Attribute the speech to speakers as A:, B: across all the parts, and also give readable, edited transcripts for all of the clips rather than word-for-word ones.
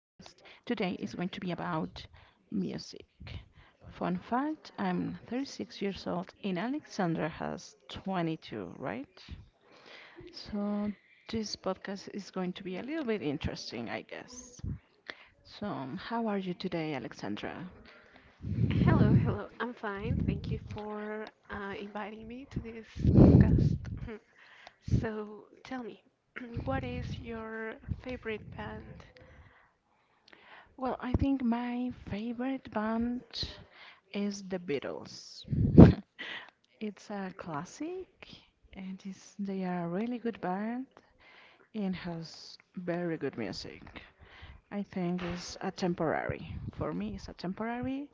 A: Today is going to be about music. Fun fact, I'm 36 years old and Alexandra has 22, right? So this podcast is going to be a little bit interesting, I guess. So, how are you today, Alexandra?
B: Hello, hello. I'm fine. Thank you for inviting me to this podcast. So, tell me, what is your favorite band?
A: Well, I think my favorite band is the Beatles. It's a classic, and they are a really good band and has very good music. I think it's a temporary. For me, it's a temporary.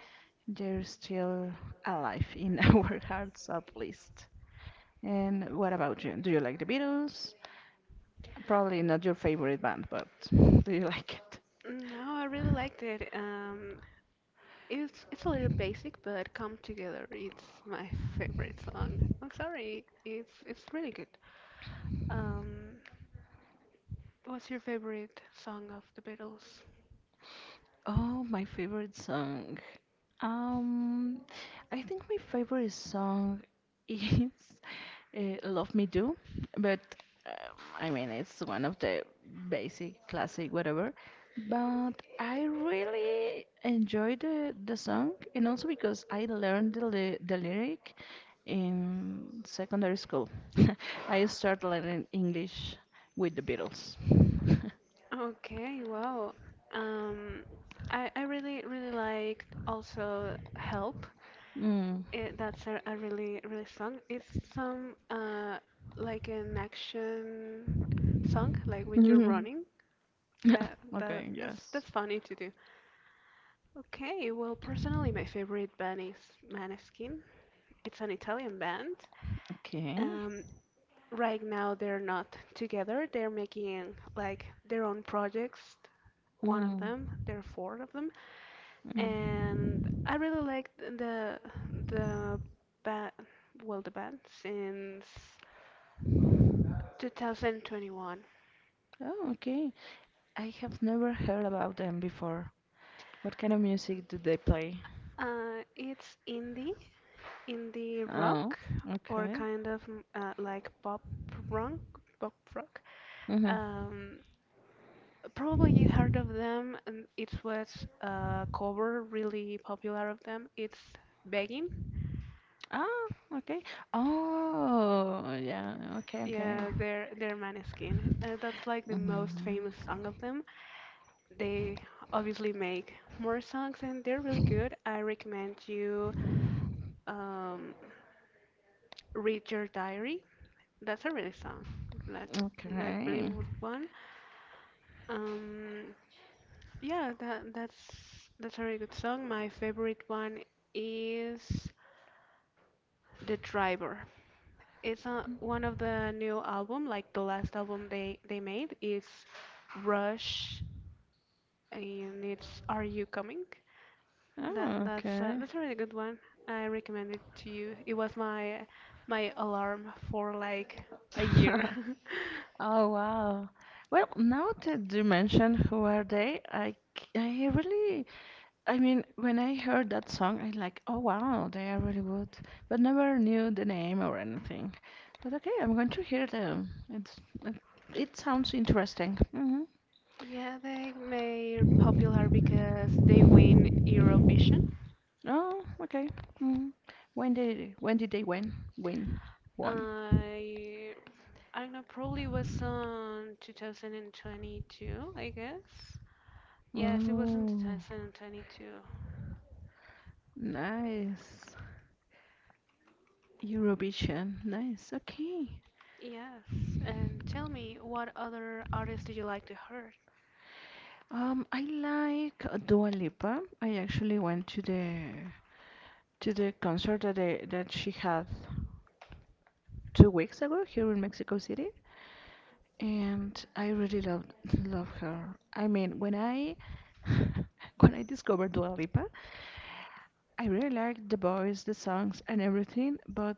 A: They're still alive in our hearts, at least. And what about you? Do you like the Beatles? Probably not your favorite band, but do you like it?
B: No, I really liked it. It's a little basic, but "Come Together" it's my favorite song. I'm sorry, it's really good. Um, what's your favorite song of the Beatles?
A: Oh, my favorite song. Um, I think my favorite song is Love Me Do, but I mean it's one of the basic classic whatever. But I really enjoy the song, and also because I learned the the lyric in secondary school. I started learning English with the Beatles.
B: Okay, wow. um, I really really liked also "Help."
A: Mm.
B: Eh, that's a really really song. It's some like an action song, like when you're running. That that
A: Okay.
B: that's
A: Yes.
B: that's funny to do. Okay, well, personally my favorite band is Maneskin. It's an Italian band.
A: Okay.
B: Um, right now they're not together. They're making like their own projects. One of
A: Mm.
B: them, there are four of them,
A: Mm.
B: and I really like the band. Well, the band since 2021.
A: Oh, okay. I have never heard about them before. What kind of music do they play?
B: It's indie, indie
A: Oh,
B: rock, or
A: okay.
B: kind of like pop rock, pop rock.
A: Mm-hmm.
B: Um, probably you heard of them, and it was a cover really popular of them. It's Begging.
A: Oh, okay. Oh, yeah. Okay, okay.
B: Yeah, they're Maneskin. That's like the most
A: Mm-hmm.
B: famous song of them. They obviously make more songs, and they're really good. I recommend you um, read your diary. That's a really song. like like really
A: Okay.
B: good one. Um, yeah, that's that's a really good song. My favorite one is The Driver. It's a, one of the new album, like the last album they made. It's Rush, and it's Are You Coming?
A: Oh,
B: That's a,
A: okay.
B: that's a really good one. I recommend it to you. It was my my alarm for like a year.
A: Oh, wow. Well, now that you mentioned Who Are They, I really, I mean, when I heard that song, I like, oh, wow, they are really good, but never knew the name or anything. But okay, I'm going to hear them. It, it sounds interesting. Mm-hmm.
B: Yeah, they made popular because they win Eurovision.
A: Oh, okay. Mm. When did they win? Win won.
B: I I don't know, probably was on 2022, I guess. Yes, it was in
A: Oh,
B: 2022.
A: nice. Eurovision. Nice. Okay.
B: Yes. And tell me, what other artists do you like to hear?
A: I like Dua Lipa. I actually went to the concert that she had 2 weeks ago here in Mexico City, and I really love her. I mean, when I when I discovered Dua Lipa, I really liked the voice, the songs, and everything, but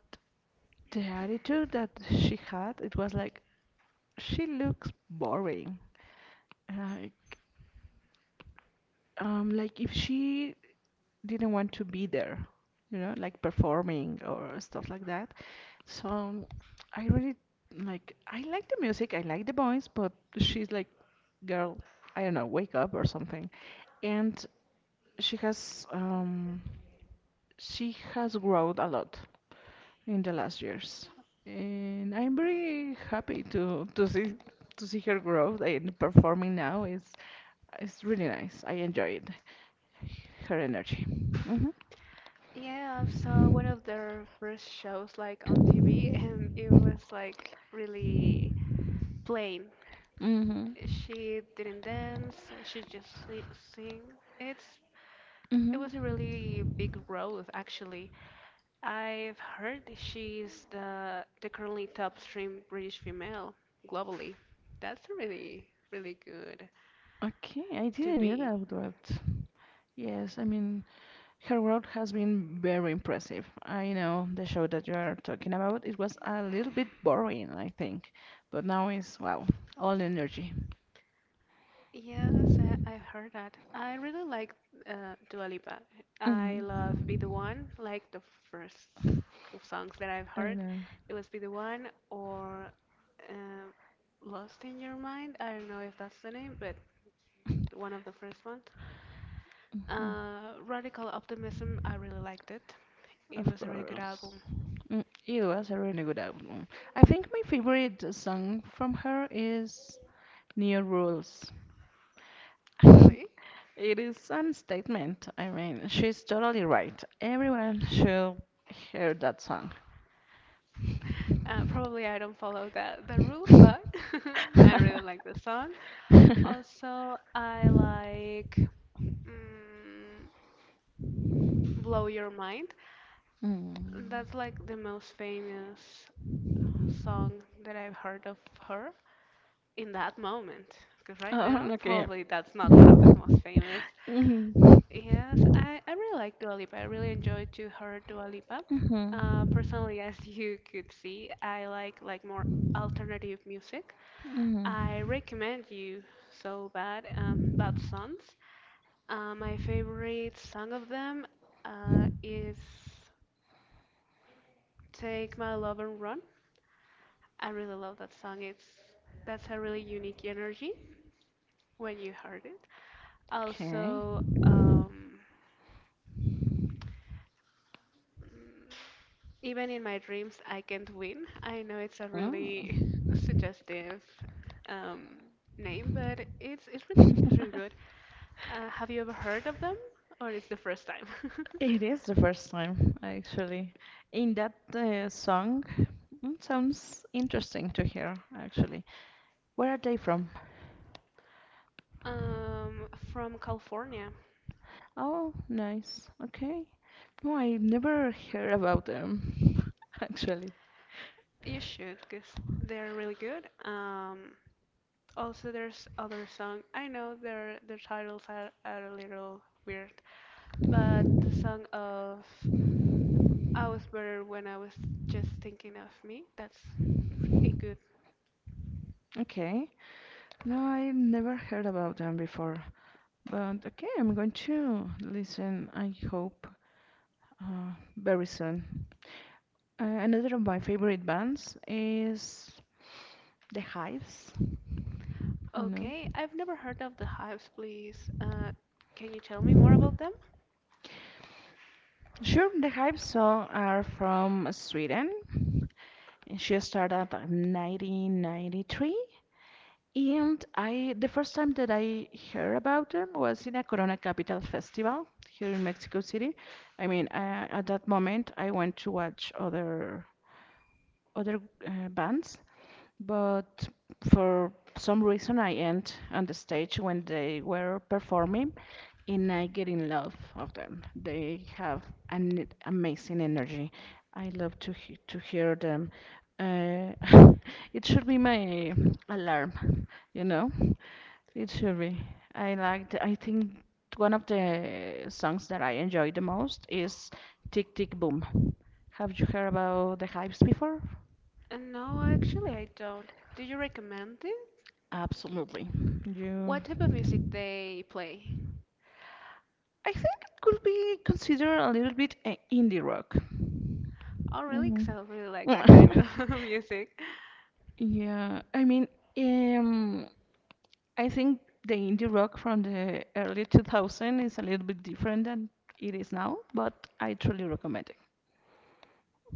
A: the attitude that she had, it was like she looks boring. Like like if she didn't want to be there, like performing or stuff like that. So I really like the music, I like the voice, but she's like, girl, I don't know, wake up or something. And she has um she has grown a lot in the last years. And I'm very happy to see her growth and performing now is it's really nice. I enjoy it, her energy. Hmm.
B: Yeah, I saw one of their first shows like on TV and it was like really plain.
A: Hmm.
B: She didn't dance, she just si sing. It's, it
A: Hmm.
B: was a really big growth, actually. I've heard she's the currently top stream British female globally. That's really really good
A: Okay, I
B: to
A: didn't knew
B: be.
A: that, but yes, I mean her growth has been very impressive. I know the show that you are talking about, it was a little bit boring, I think, but now it's wow, all energy.
B: Yes, I heard that. I really like Dua Lipa. I
A: Hmm.
B: love Be the One, like the first songs that I've
A: I
B: heard.
A: know.
B: It was Be the One or um Lost in Your Mind. I don't know if that's the name, but one of the first ones. Radical Optimism, I really liked it. It
A: Of
B: was a really good album,
A: course. Mm, it was a really good album. I think my favorite song from her is New Rules.
B: really.
A: It is an statement. I mean, she's totally right. Everyone should hear that song.
B: Probably I don't follow the rules, but I really like the song. Also, I like mm, Blow Your Mind. That's like the most famous song that I've heard of her in that moment. Because right now,
A: Okay.
B: probably that's not one of famous. Yes, I really like Dua Lipa. I really enjoyed to hear Dua Lipa. Personally, as you could see, I like more alternative music. I recommend you So Bad Bad Sons. My favorite song of them is Take My Love and Run. I really love that song. It's that's a really unique energy when you heard it.
A: Okay.
B: Also, Even in my dreams, I can't win. I know it's a really
A: Mm.
B: suggestive um, name, but it's really it's really good. Have you ever heard of them, or it's the first time?
A: It is the first time, actually. In that song, mm, sounds interesting to hear, actually. Where are they from?
B: Um, from California.
A: Oh, nice. Okay. No, I never heard about them, actually.
B: You should, because they're really good. Also, there's other song. I know their titles are a little weird, but the song of "I Was Better When I Was Just Thinking of Me," that's pretty.
A: Okay. No, I never heard about them before. But okay, I'm going to listen, I hope, uh, very soon. Another of my favorite bands is The Hives. You know?
B: Okay, I've never heard of the hives, please. Can you tell me more about them?
A: Sure, The Hives so are from Sweden. She started in 1993. And the first time that I heard about them was in a Corona Capital Festival here in Mexico City. I mean, at that moment, I went to watch other bands, but for some reason, I end on the stage when they were performing, and I get in love of them. They have an amazing energy. I love to hear them. Uh, it should be my alarm, you know. It should be. I think one of the songs that I enjoy the most is Tick Tick Boom. Have you heard about the Hives before?
B: No, actually, I don't. Do you recommend it?
A: Absolutely. You,
B: What type of music they play?
A: I think it could be considered a little bit indie rock.
B: Oh, really? 'Cause I
A: Mhm.
B: really like that kind of music.
A: Yeah, I mean, um, I think the indie rock from the early 2000 is a little bit different than it is now, but I truly recommend it.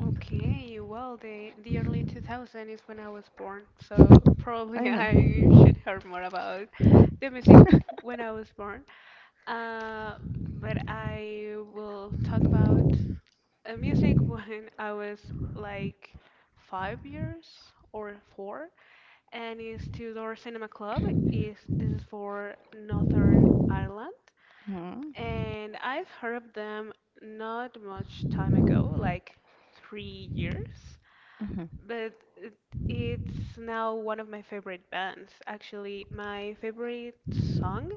B: Okay, well, the early 2000 is when I was born, so probably
A: I know.
B: I should hear more about the music when I was born. Uh, but I will talk about music when I was like 5 years or four, and it's Tudor Cinema Club. Is, this is for Northern Ireland, and I've heard of them not much time ago, like 3 years,
A: Mhm.
B: but it's now one of my favorite bands. Actually, my favorite song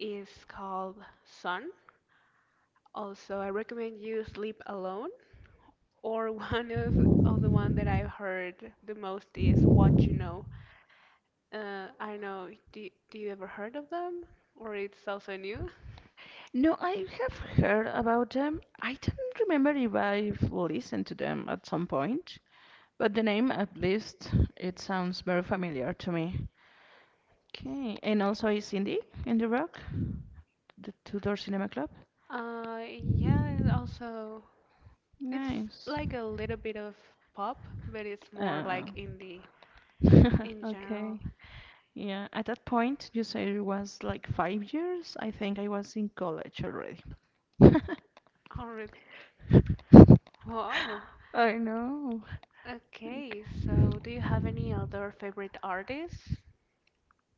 B: is called Sun. Also, I recommend you Sleep Alone. Or one of the one that I've heard the most is What You Know. I don't know, do you ever heard of them? Or it's also new?
A: No, I have heard about them. I don't remember if I've listened to them at some point, but the name, at least, it sounds very familiar to me. Okay, and also is indie in the rock, the Tudor Cinema Club.
B: Uh, yeah, it also it's
A: Nice.
B: like a little bit of pop, but it's more
A: Oh,
B: like indie in general.
A: okay. Yeah, at that point, you said it was like 5 years. I think I was in college already.
B: Oh, really? Wow.
A: I know. Like,
B: Okay, so do you have any other favorite artists?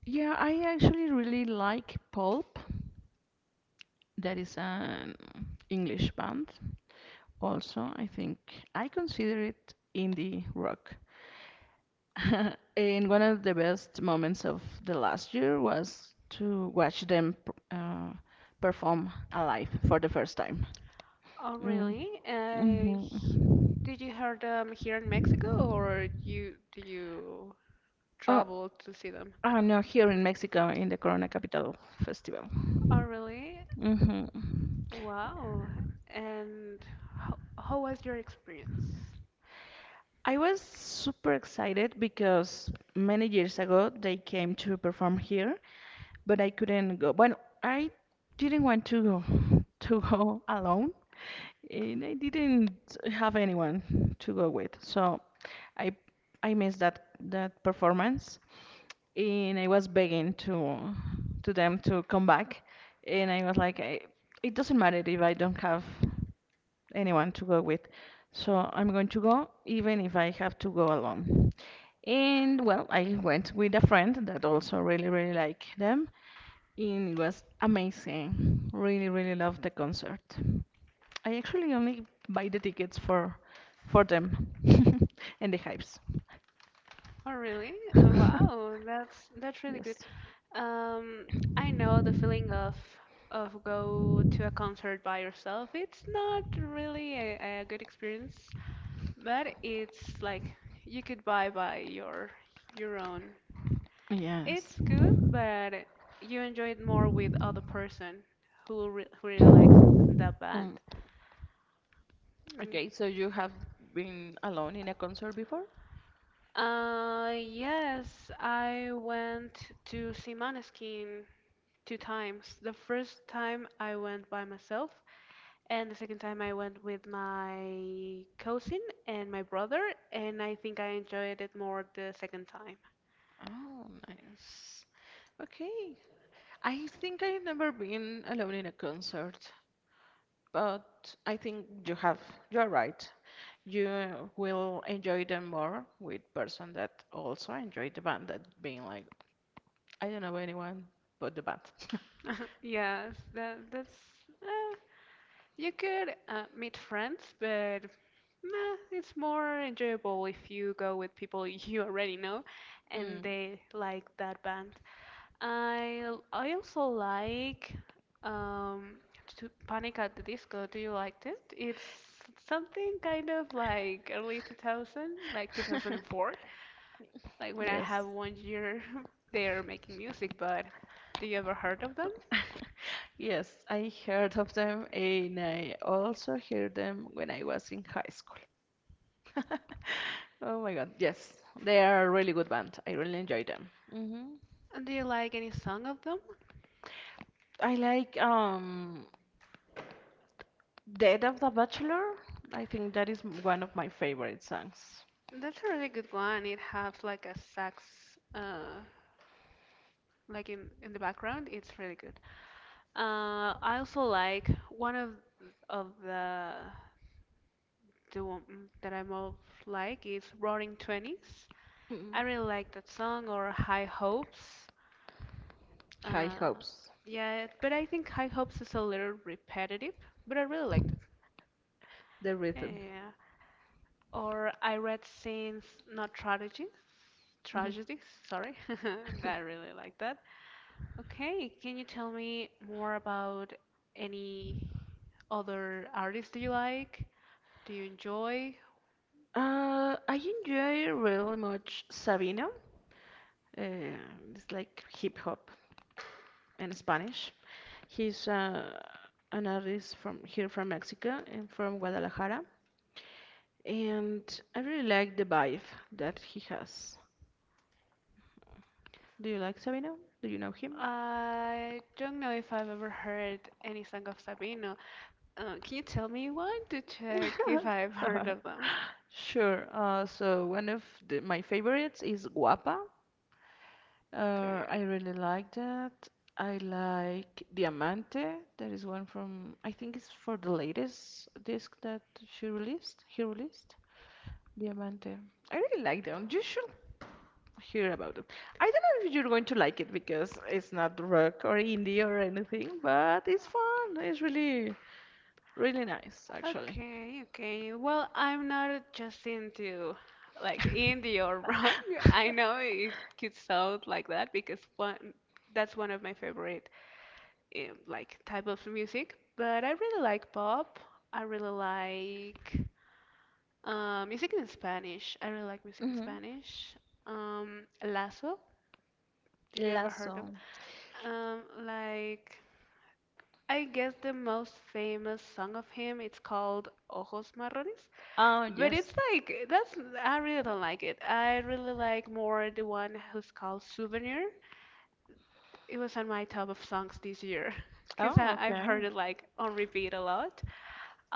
A: yeah, I actually really like Pulp. That is an English band. Also, I think I consider it indie rock. And one of the best moments of the last year was to watch them perform live for the first time.
B: Oh,
A: Mm.
B: really?
A: Hmm.
B: Did you heard them here in Mexico, or you do you
A: Oh,
B: trouble to see them.
A: oh no, here in Mexico in the Corona Capital Festival.
B: Oh, really?
A: Hmm.
B: Wow. And how was your experience?
A: I was super excited because many years ago they came to perform here, but I couldn't go. Well, I didn't want to go alone and I didn't have anyone to go with. So I I missed that performance and I was begging to them to come back and I was like it doesn't matter if I don't have anyone to go with. So I'm going to go even if I have to go alone. And well, I went with a friend that also really really liked them and it was amazing. Really really loved the concert. I actually only buy the tickets for them and the hypes.
B: Oh, really? Oh, wow, that's really good.
A: Yes.
B: Um, I know the feeling of go to a concert by yourself. It's not really a good experience, but it's like you could buy by your own.
A: Yes.
B: It's good, but you enjoy it more with other person who really like that band.
A: Mm. Okay, so
B: Mm.
A: you have been alone in a concert before?
B: Yes, I went to see Måneskin two times. The first time I went by myself, and the second time I went with my cousin and my brother, and I think I enjoyed it more the second time.
A: Oh, nice. Okay. I think I've never been alone in a concert, but I think you have. You're right. You will enjoy them more with person that also enjoy the band that being like, I don't know anyone but the band.
B: Yes, that that's uh, you could meet friends, but nah, it's more enjoyable if you go with people you already know and
A: Mm,
B: they like that band. I also like um to Panic at the Disco. Do you liked it? It's something kind of like early 2000, like 2004, like when I
A: yes.
B: have 1 year they're making music, but do you ever heard of them?
A: Yes, I heard of them and I also heard them when I was in high school. Oh my God, yes, they are a really good band. I really enjoy them. Hmm.
B: And do you like any song of them?
A: I like Dead of the Bachelor. I think that is one of my favorite songs.
B: That's a really good one. It has like a sax uh like in the background, it's really good. I also like one of the one that I most like is roaring 20s.
A: Mm.
B: I really like that song, or high hopes.
A: High
B: uh
A: Hopes,
B: yeah, but I think high hopes is a little repetitive, but I really liked it.
A: the rhythm.
B: Yeah, or I read since not tragedies tragedies, sorry. I really like that. Okay, can you tell me more about any other artists do you like? Do you enjoy?
A: I enjoy really much Sabino. Uh, it's like hip hop in Spanish. He's an artist from here from Mexico and from Guadalajara. And I really like the vibe that he has. Do you like Sabino? Do you know him?
B: I don't know if I've ever heard any song of Sabino. Can you tell me one to check if I've heard of them?
A: Sure. So one of my favorites is Guapa.
B: Okay.
A: I really like that. I like Diamante. That is one from, I think it's for the latest disc that she released. He released Diamante. I really like them. You should hear about it. I don't know if you're going to like it because it's not rock or indie or anything, but it's fun. It's really, really nice, actually.
B: Okay, okay. Well, I'm not just into like indie or rock. I know it could sound like that because one that's one of my favorite like type of music, but I really like pop. I really like music in Spanish. I really like music in
A: Hmm.
B: Spanish. Lazo, do you ever
A: Last
B: heard of?
A: song.
B: It? Like I guess the most famous song of him, it's called Ojos Marrones.
A: Oh,
B: But
A: yes.
B: it's like that's I really don't like it. I really like more the one who's called Souvenir. It was on my top of songs this year because
A: Oh,
B: I've
A: okay.
B: heard it like on repeat a lot.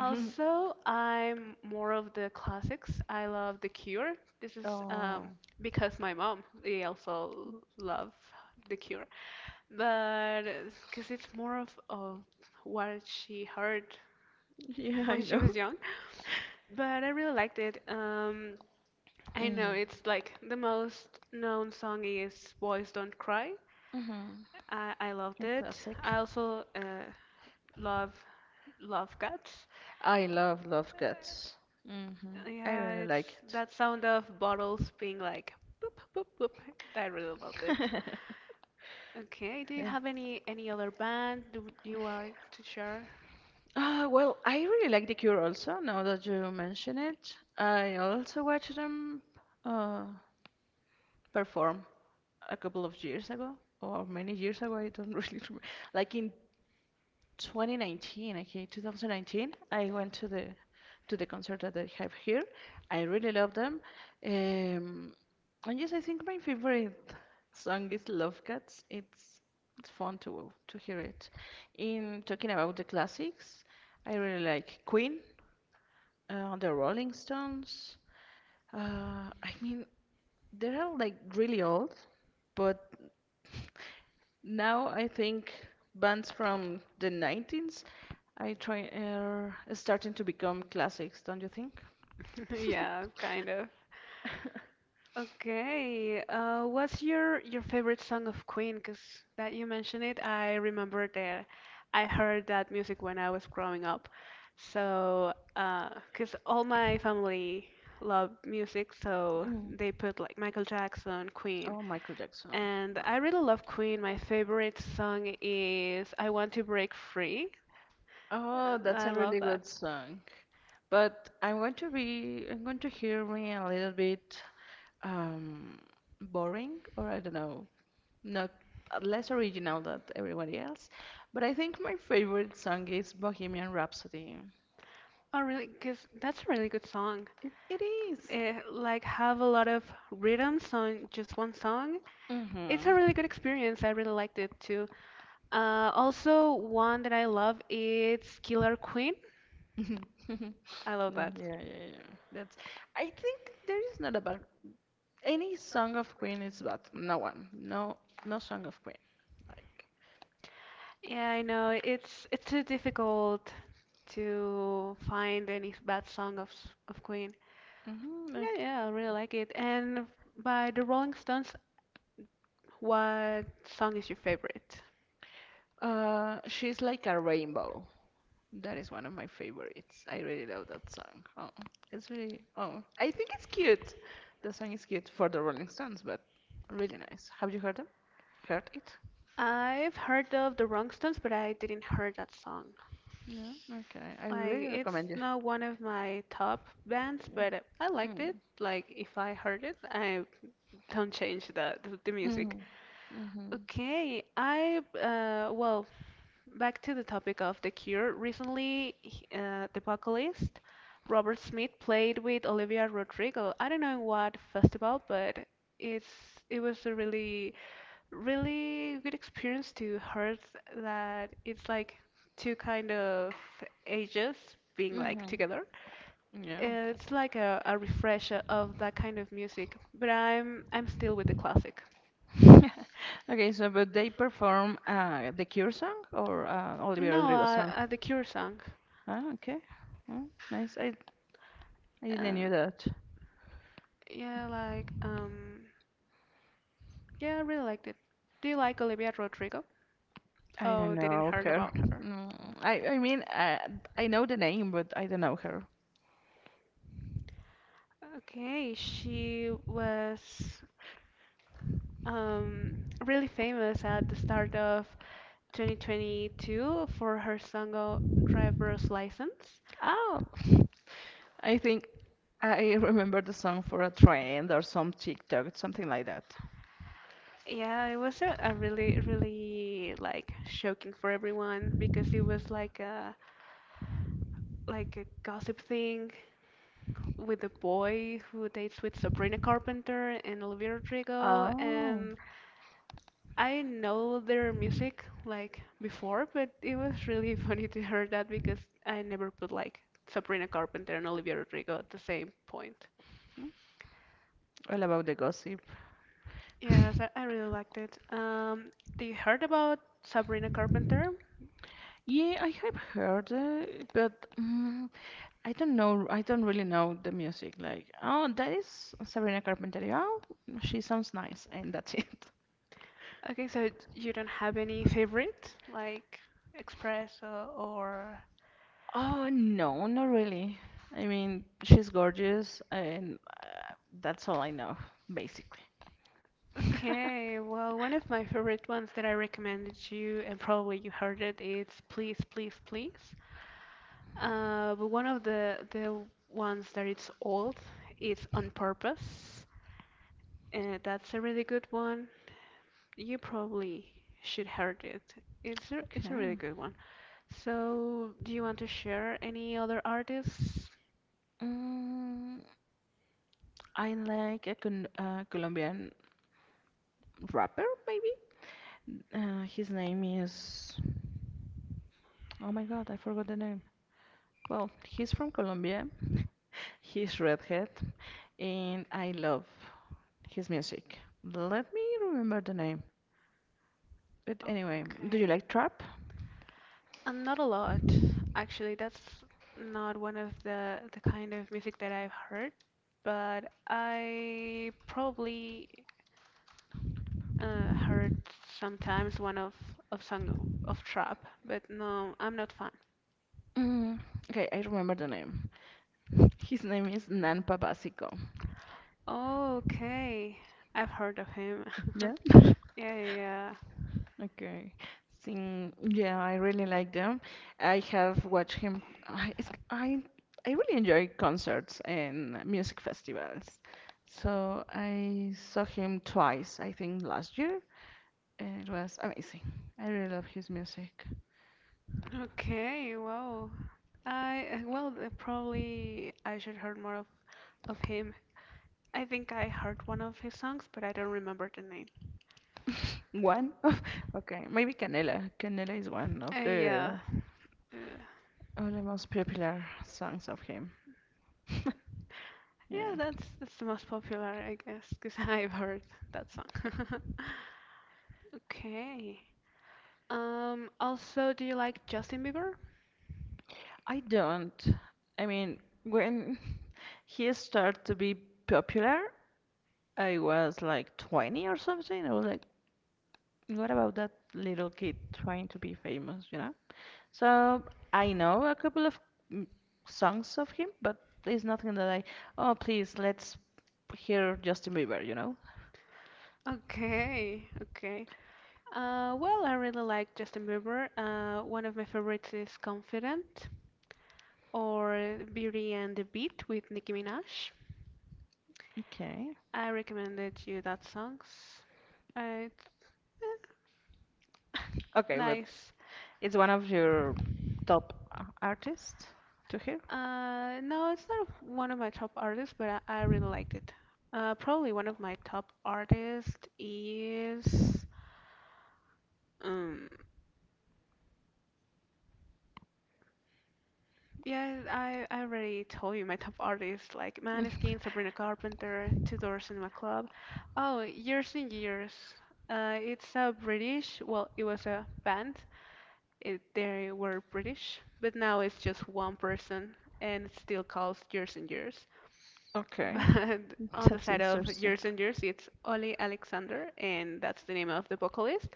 A: Mhm.
B: I'm more of the classics. I love The Cure. This is
A: Oh,
B: because my mom, they also love The Cure. But because it's more of what she heard
A: yeah, I
B: when she
A: know.
B: was young. But I really liked it. I know
A: Mm.
B: it's like the most known song is Boys Don't Cry.
A: Mm-hmm.
B: I loved
A: A
B: it.
A: classic.
B: I also love Love Cats.
A: I love Love Cats. Hmm. I
B: Yeah,
A: really like
B: it's that sound of bottles being like boop boop boop. I really loved it.
A: it.
B: Okay, do you have any other band do you like to share?
A: Well, I really like The Cure also, now that you mention it. I also watched them uh, perform a couple of years ago, or many years ago, I don't really remember. Like in 2019, okay, 2019, I went to the concert that they have here. I really love them. Um, and yes, I think my favorite song is Love Cats. It's fun to hear it. In talking about the classics, I really like Queen. The Rolling Stones. I mean, they are like really old, but now I think bands from the 90s I try are starting to become classics, don't you think?
B: Yeah, kind of. Okay, what's your favorite song of Queen? Because that you mentioned it, I remember that I heard that music when I was growing up. So, because all my family loved music, so
A: Mm.
B: they put like Michael Jackson, Queen.
A: Oh, Michael Jackson.
B: And
A: No.
B: I really love Queen. My favorite song is I Want to Break Free.
A: Oh,
B: I
A: that's a
B: love
A: really
B: that.
A: good song. But I'm going to hear me a little bit um, boring, or I don't know, not less original than everybody else. But I think my favorite song is Bohemian Rhapsody.
B: Oh, really? Because that's a really good song.
A: It is.
B: It, like have a lot of rhythms on just one song. It's a really good experience. I really liked it too.
A: Mm-hmm.
B: Also, one that I love is Killer Queen. I love
A: No,
B: that.
A: yeah, yeah, yeah. That's. I think there is not a bad. Any song of Queen is bad. No one. No, no song of Queen. Like,
B: Yeah, I know it's too difficult to find any bad song of of Queen.
A: hmm,
B: Yeah,
A: like.
B: yeah, I really like it. And by the Rolling Stones, what song is your favorite?
A: She's like a rainbow. That is one of my favorites. I really love that song. Oh, it's really, oh, I think it's cute. The song is cute for the Rolling Stones, but really nice. Have you heard them? Heard it?
B: I've heard of the Rolling Stones, but I didn't hear that song.
A: No? Okay. I
B: Like,
A: really
B: it's
A: recommend you.
B: not one of my top bands, but I liked it.
A: Mm.
B: Like, if I heard it, I don't change the music.
A: Mm. Mhm.
B: Okay, I back to the topic of The Cure. Recently, the vocalist Robert Smith played with Olivia Rodrigo. I don't know in what festival, but it's it was a really good experience to hear that. It's like two kind of ages being like
A: Mhm.
B: together.
A: Yeah.
B: It's like a refresher of that kind of music, but I'm still with the classic.
A: Okay, so but they perform the Cure song or Olivia
B: No,
A: Rodrigo song?
B: the Cure song.
A: Ah, okay. Mm, nice. I didn't
B: Uh,
A: knew that.
B: yeah, like yeah, I really liked it. Do you like Olivia Rodrigo?
A: I don't
B: Oh, didn't
A: know
B: heard
A: her.
B: about her.
A: No, I mean I know the name, but I don't know her.
B: Okay, she was um really famous at the start of 2022 for her single driver's license.
A: Oh, I think I remember the song for a trend or some TikTok, something like that.
B: Yeah, it was a really like shocking for everyone because it was like a gossip thing with the boy who dates with Sabrina Carpenter and Olivia Rodrigo,
A: Oh,
B: and I know their music like before, but it was really funny to hear that because I never put like Sabrina Carpenter and Olivia Rodrigo at the same point.
A: all about the gossip.
B: Yes, I really liked it. Do you heard about Sabrina Carpenter?
A: Yeah, I have heard, but I don't know. I don't really know the music. Like, oh, that is Sabrina Carpenter. Oh, she sounds nice, and that's it.
B: Okay, so you don't have any favorite like Express or
A: Oh, no, not really. I mean, she's gorgeous, and uh, that's all I know, basically.
B: okay, well, one of my favorite ones that I recommended to you, and probably you heard it, it's Please, Please, Please. But one of the ones that it's old, it's On Purpose. That's a really good one. You probably should heard it. It's it's a really
A: Okay.
B: good one. So, do you want to share any other artists?
A: Mm, I like a Colombian rapper, maybe? His name is. Oh my God, I forgot the name. Well, he's from Colombia. He's redhead, and I love his music. Let me remember the name. But anyway, do
B: Okay.
A: you like trap?
B: Not a lot, actually. That's not one of the kind of music that I've heard, but I probably heard sometimes one of song of trap, but no, I'm not fan.
A: Mm, okay, I remember the name. His name is Nan Papasico.
B: Okay, I've heard of him.
A: Yeah,
B: Yeah, yeah, yeah.
A: okay. Yeah, I really like them. I have watched him. I, it's- I, I really enjoy concerts and music festivals. So I saw him twice, I think last year, and it was amazing. I really love his music.
B: Okay, wow. I well, probably I should heard more of him. I think I heard one of his songs, but I don't remember the name.
A: One of, okay, maybe Canela. Canela is one of the,
B: Yeah. Yeah.
A: of the most popular songs of him. Yeah.
B: Yeah, that's the most popular, I guess, because I've heard that song. Okay. Also, do you like Justin Bieber?
A: I don't. I mean, when he started to be popular, I was like 20 or something. I was like, what about that little kid trying to be famous, you know? So I know a couple of mm, songs of him, but there's nothing that oh, please, let's hear Justin Bieber, you know?
B: Okay, okay. Well, I really like Justin Bieber. One of my favorites is Confident or Beauty and the Beat with Nicki Minaj.
A: Okay.
B: I recommended you that songs. It's
A: Okay, but
B: nice.
A: it's one of your top artists to hear?
B: No, it's not one of my top artists, but I really liked it. Probably one of my top artists is, um, yeah, I already told you my top artists like Maneskin, Sabrina Carpenter, Two Doors Cinema Club. Oh, Years and Years. It's a British, well, it was a band. It, they were British, but now it's just one person and it still calls Years and Years.
A: Okay.
B: But on the
A: That's
B: side of
A: interesting.
B: years and years it's Oli Alexander, and that's the name of the vocalist.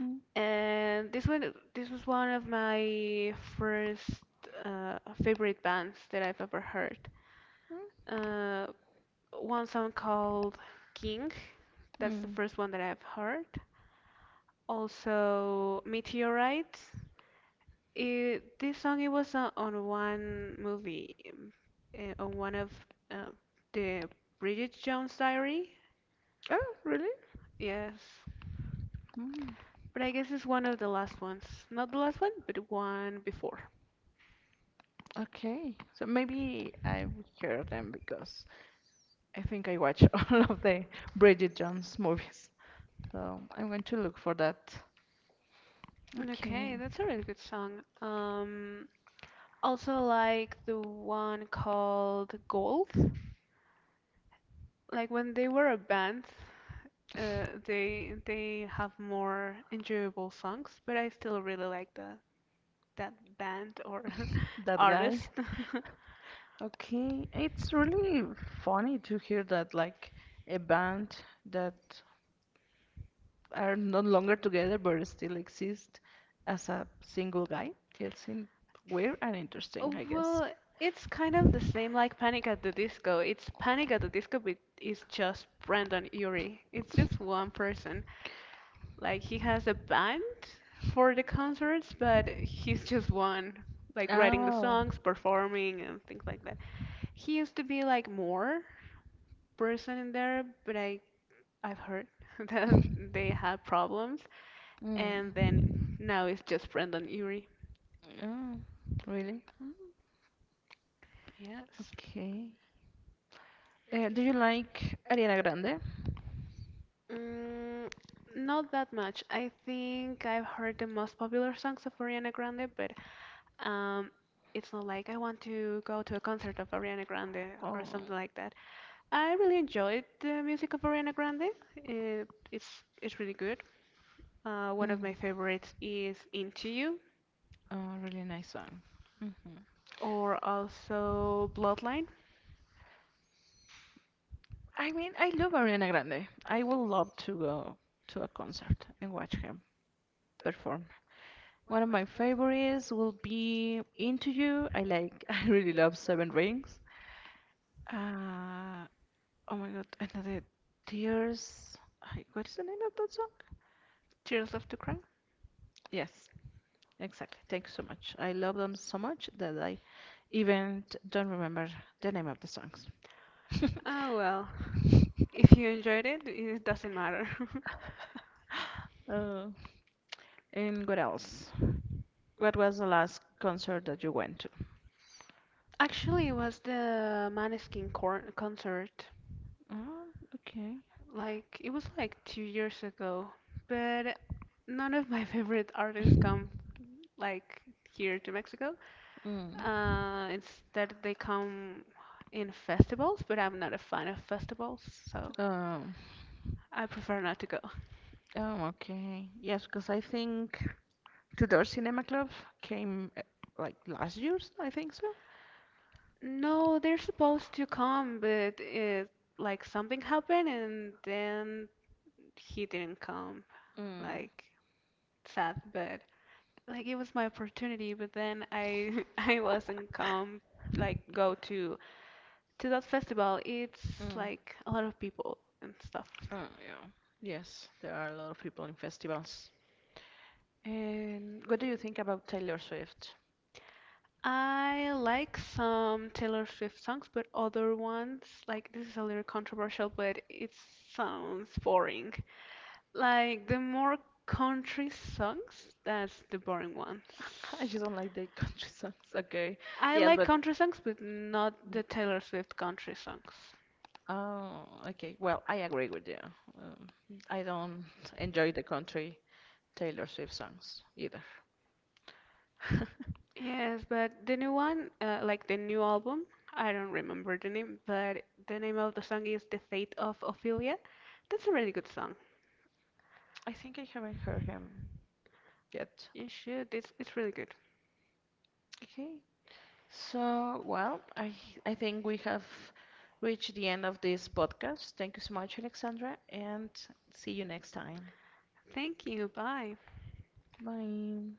A: Mhm,
B: And this was one of my first favorite bands that I've ever heard. uh, One song called King, that's the
A: mm.
B: first one that I've heard. Also Meteorite, this song it was on one movie, on one of uh, the Bridget Jones Diary.
A: Oh, really?
B: Yes.
A: Mm,
B: But I guess it's one of the last ones. Not the last one, but one before.
A: okay. So maybe I will hear them because I think I watch all of the Bridget Jones movies. So I'm going to look for that. Okay,
B: Okay, that's a really good song. Also like the one called Gold. Like when they were a band, they have more enjoyable songs, but I still really like the that band or
A: that guy.
B: artist.
A: Okay, it's really funny to hear that like a band that are no longer together but still exist as a single guy. It's in weird and interesting,
B: Oh,
A: I guess.
B: well, it's kind of the same like Panic at the Disco. It's Panic at the Disco, but it's just Brandon Urie. It's just one person. Like he has a band for the concerts, but he's just one, like writing the
A: Oh.
B: songs, performing and things like that. He used to be like more person in there, but I've heard that they had problems, and
A: Mm.
B: then now it's just Brendan Urie.
A: Oh, really?
B: Yes.
A: Okay. Do you like Ariana Grande?
B: Mm, not that much. I think I've heard the most popular songs of Ariana Grande, but um, it's not like I want to go to a concert of Ariana Grande or
A: Oh,
B: something like that. I really enjoyed the music of Ariana Grande. It's really good. One of
A: mm,
B: my favorites is Into You,
A: oh, really nice song. Hmm.
B: or also Bloodline,
A: I mean, I love Ariana Grande. I would love to go to a concert and watch him perform. One of my favorites will be Into You. I like, I really love Seven Rings. Uh, oh my God, another Tears. What is the name of that song?
B: Tears Left to Cry.
A: Yes, exactly. Thank you so much. I love them so much that I even don't remember the name of the songs.
B: Oh well, if you enjoyed it, it doesn't matter.
A: Oh, and what else? What was the last concert that you went to?
B: Actually, it was the concert.
A: Oh, okay.
B: Like it was like 2 years ago, but none of my favorite artists come like here to Mexico.
A: Mm.
B: Instead, they come in festivals, but I'm not a fan of festivals, so
A: Um,
B: I prefer not to go.
A: oh, okay. Yes, because I think Tudor Cinema Club came like last year's, I think so.
B: No, they're supposed to come, but it like something happened and then he didn't come.
A: Mm.
B: Like sad, but like it was my opportunity, but then I I wasn't come like go to that festival. It's
A: Mm.
B: like a lot of people and stuff.
A: Oh, yeah. Yes, there are a lot of people in festivals. And what do you think about Taylor Swift?
B: I like some Taylor Swift songs, but other ones, like this is a little controversial, but it sounds boring. Like the more country songs, that's the boring ones.
A: I just don't like the country songs. Okay.
B: I
A: Yes,
B: like
A: but
B: country songs, but not the Taylor Swift country songs.
A: oh, okay. Well, I agree with you. Um, I don't enjoy the country Taylor Swift songs either.
B: Yes, but the new one, like the new album, I don't remember the name, but the name of the song is The Fate of Ophelia. That's a really good song.
A: I think I haven't heard him yet.
B: You should, it's really good.
A: Okay. So, well, I think we have reached the end of this podcast. Thank you so much, Alexandra, and see you next time.
B: Thank you, bye.
A: Bye.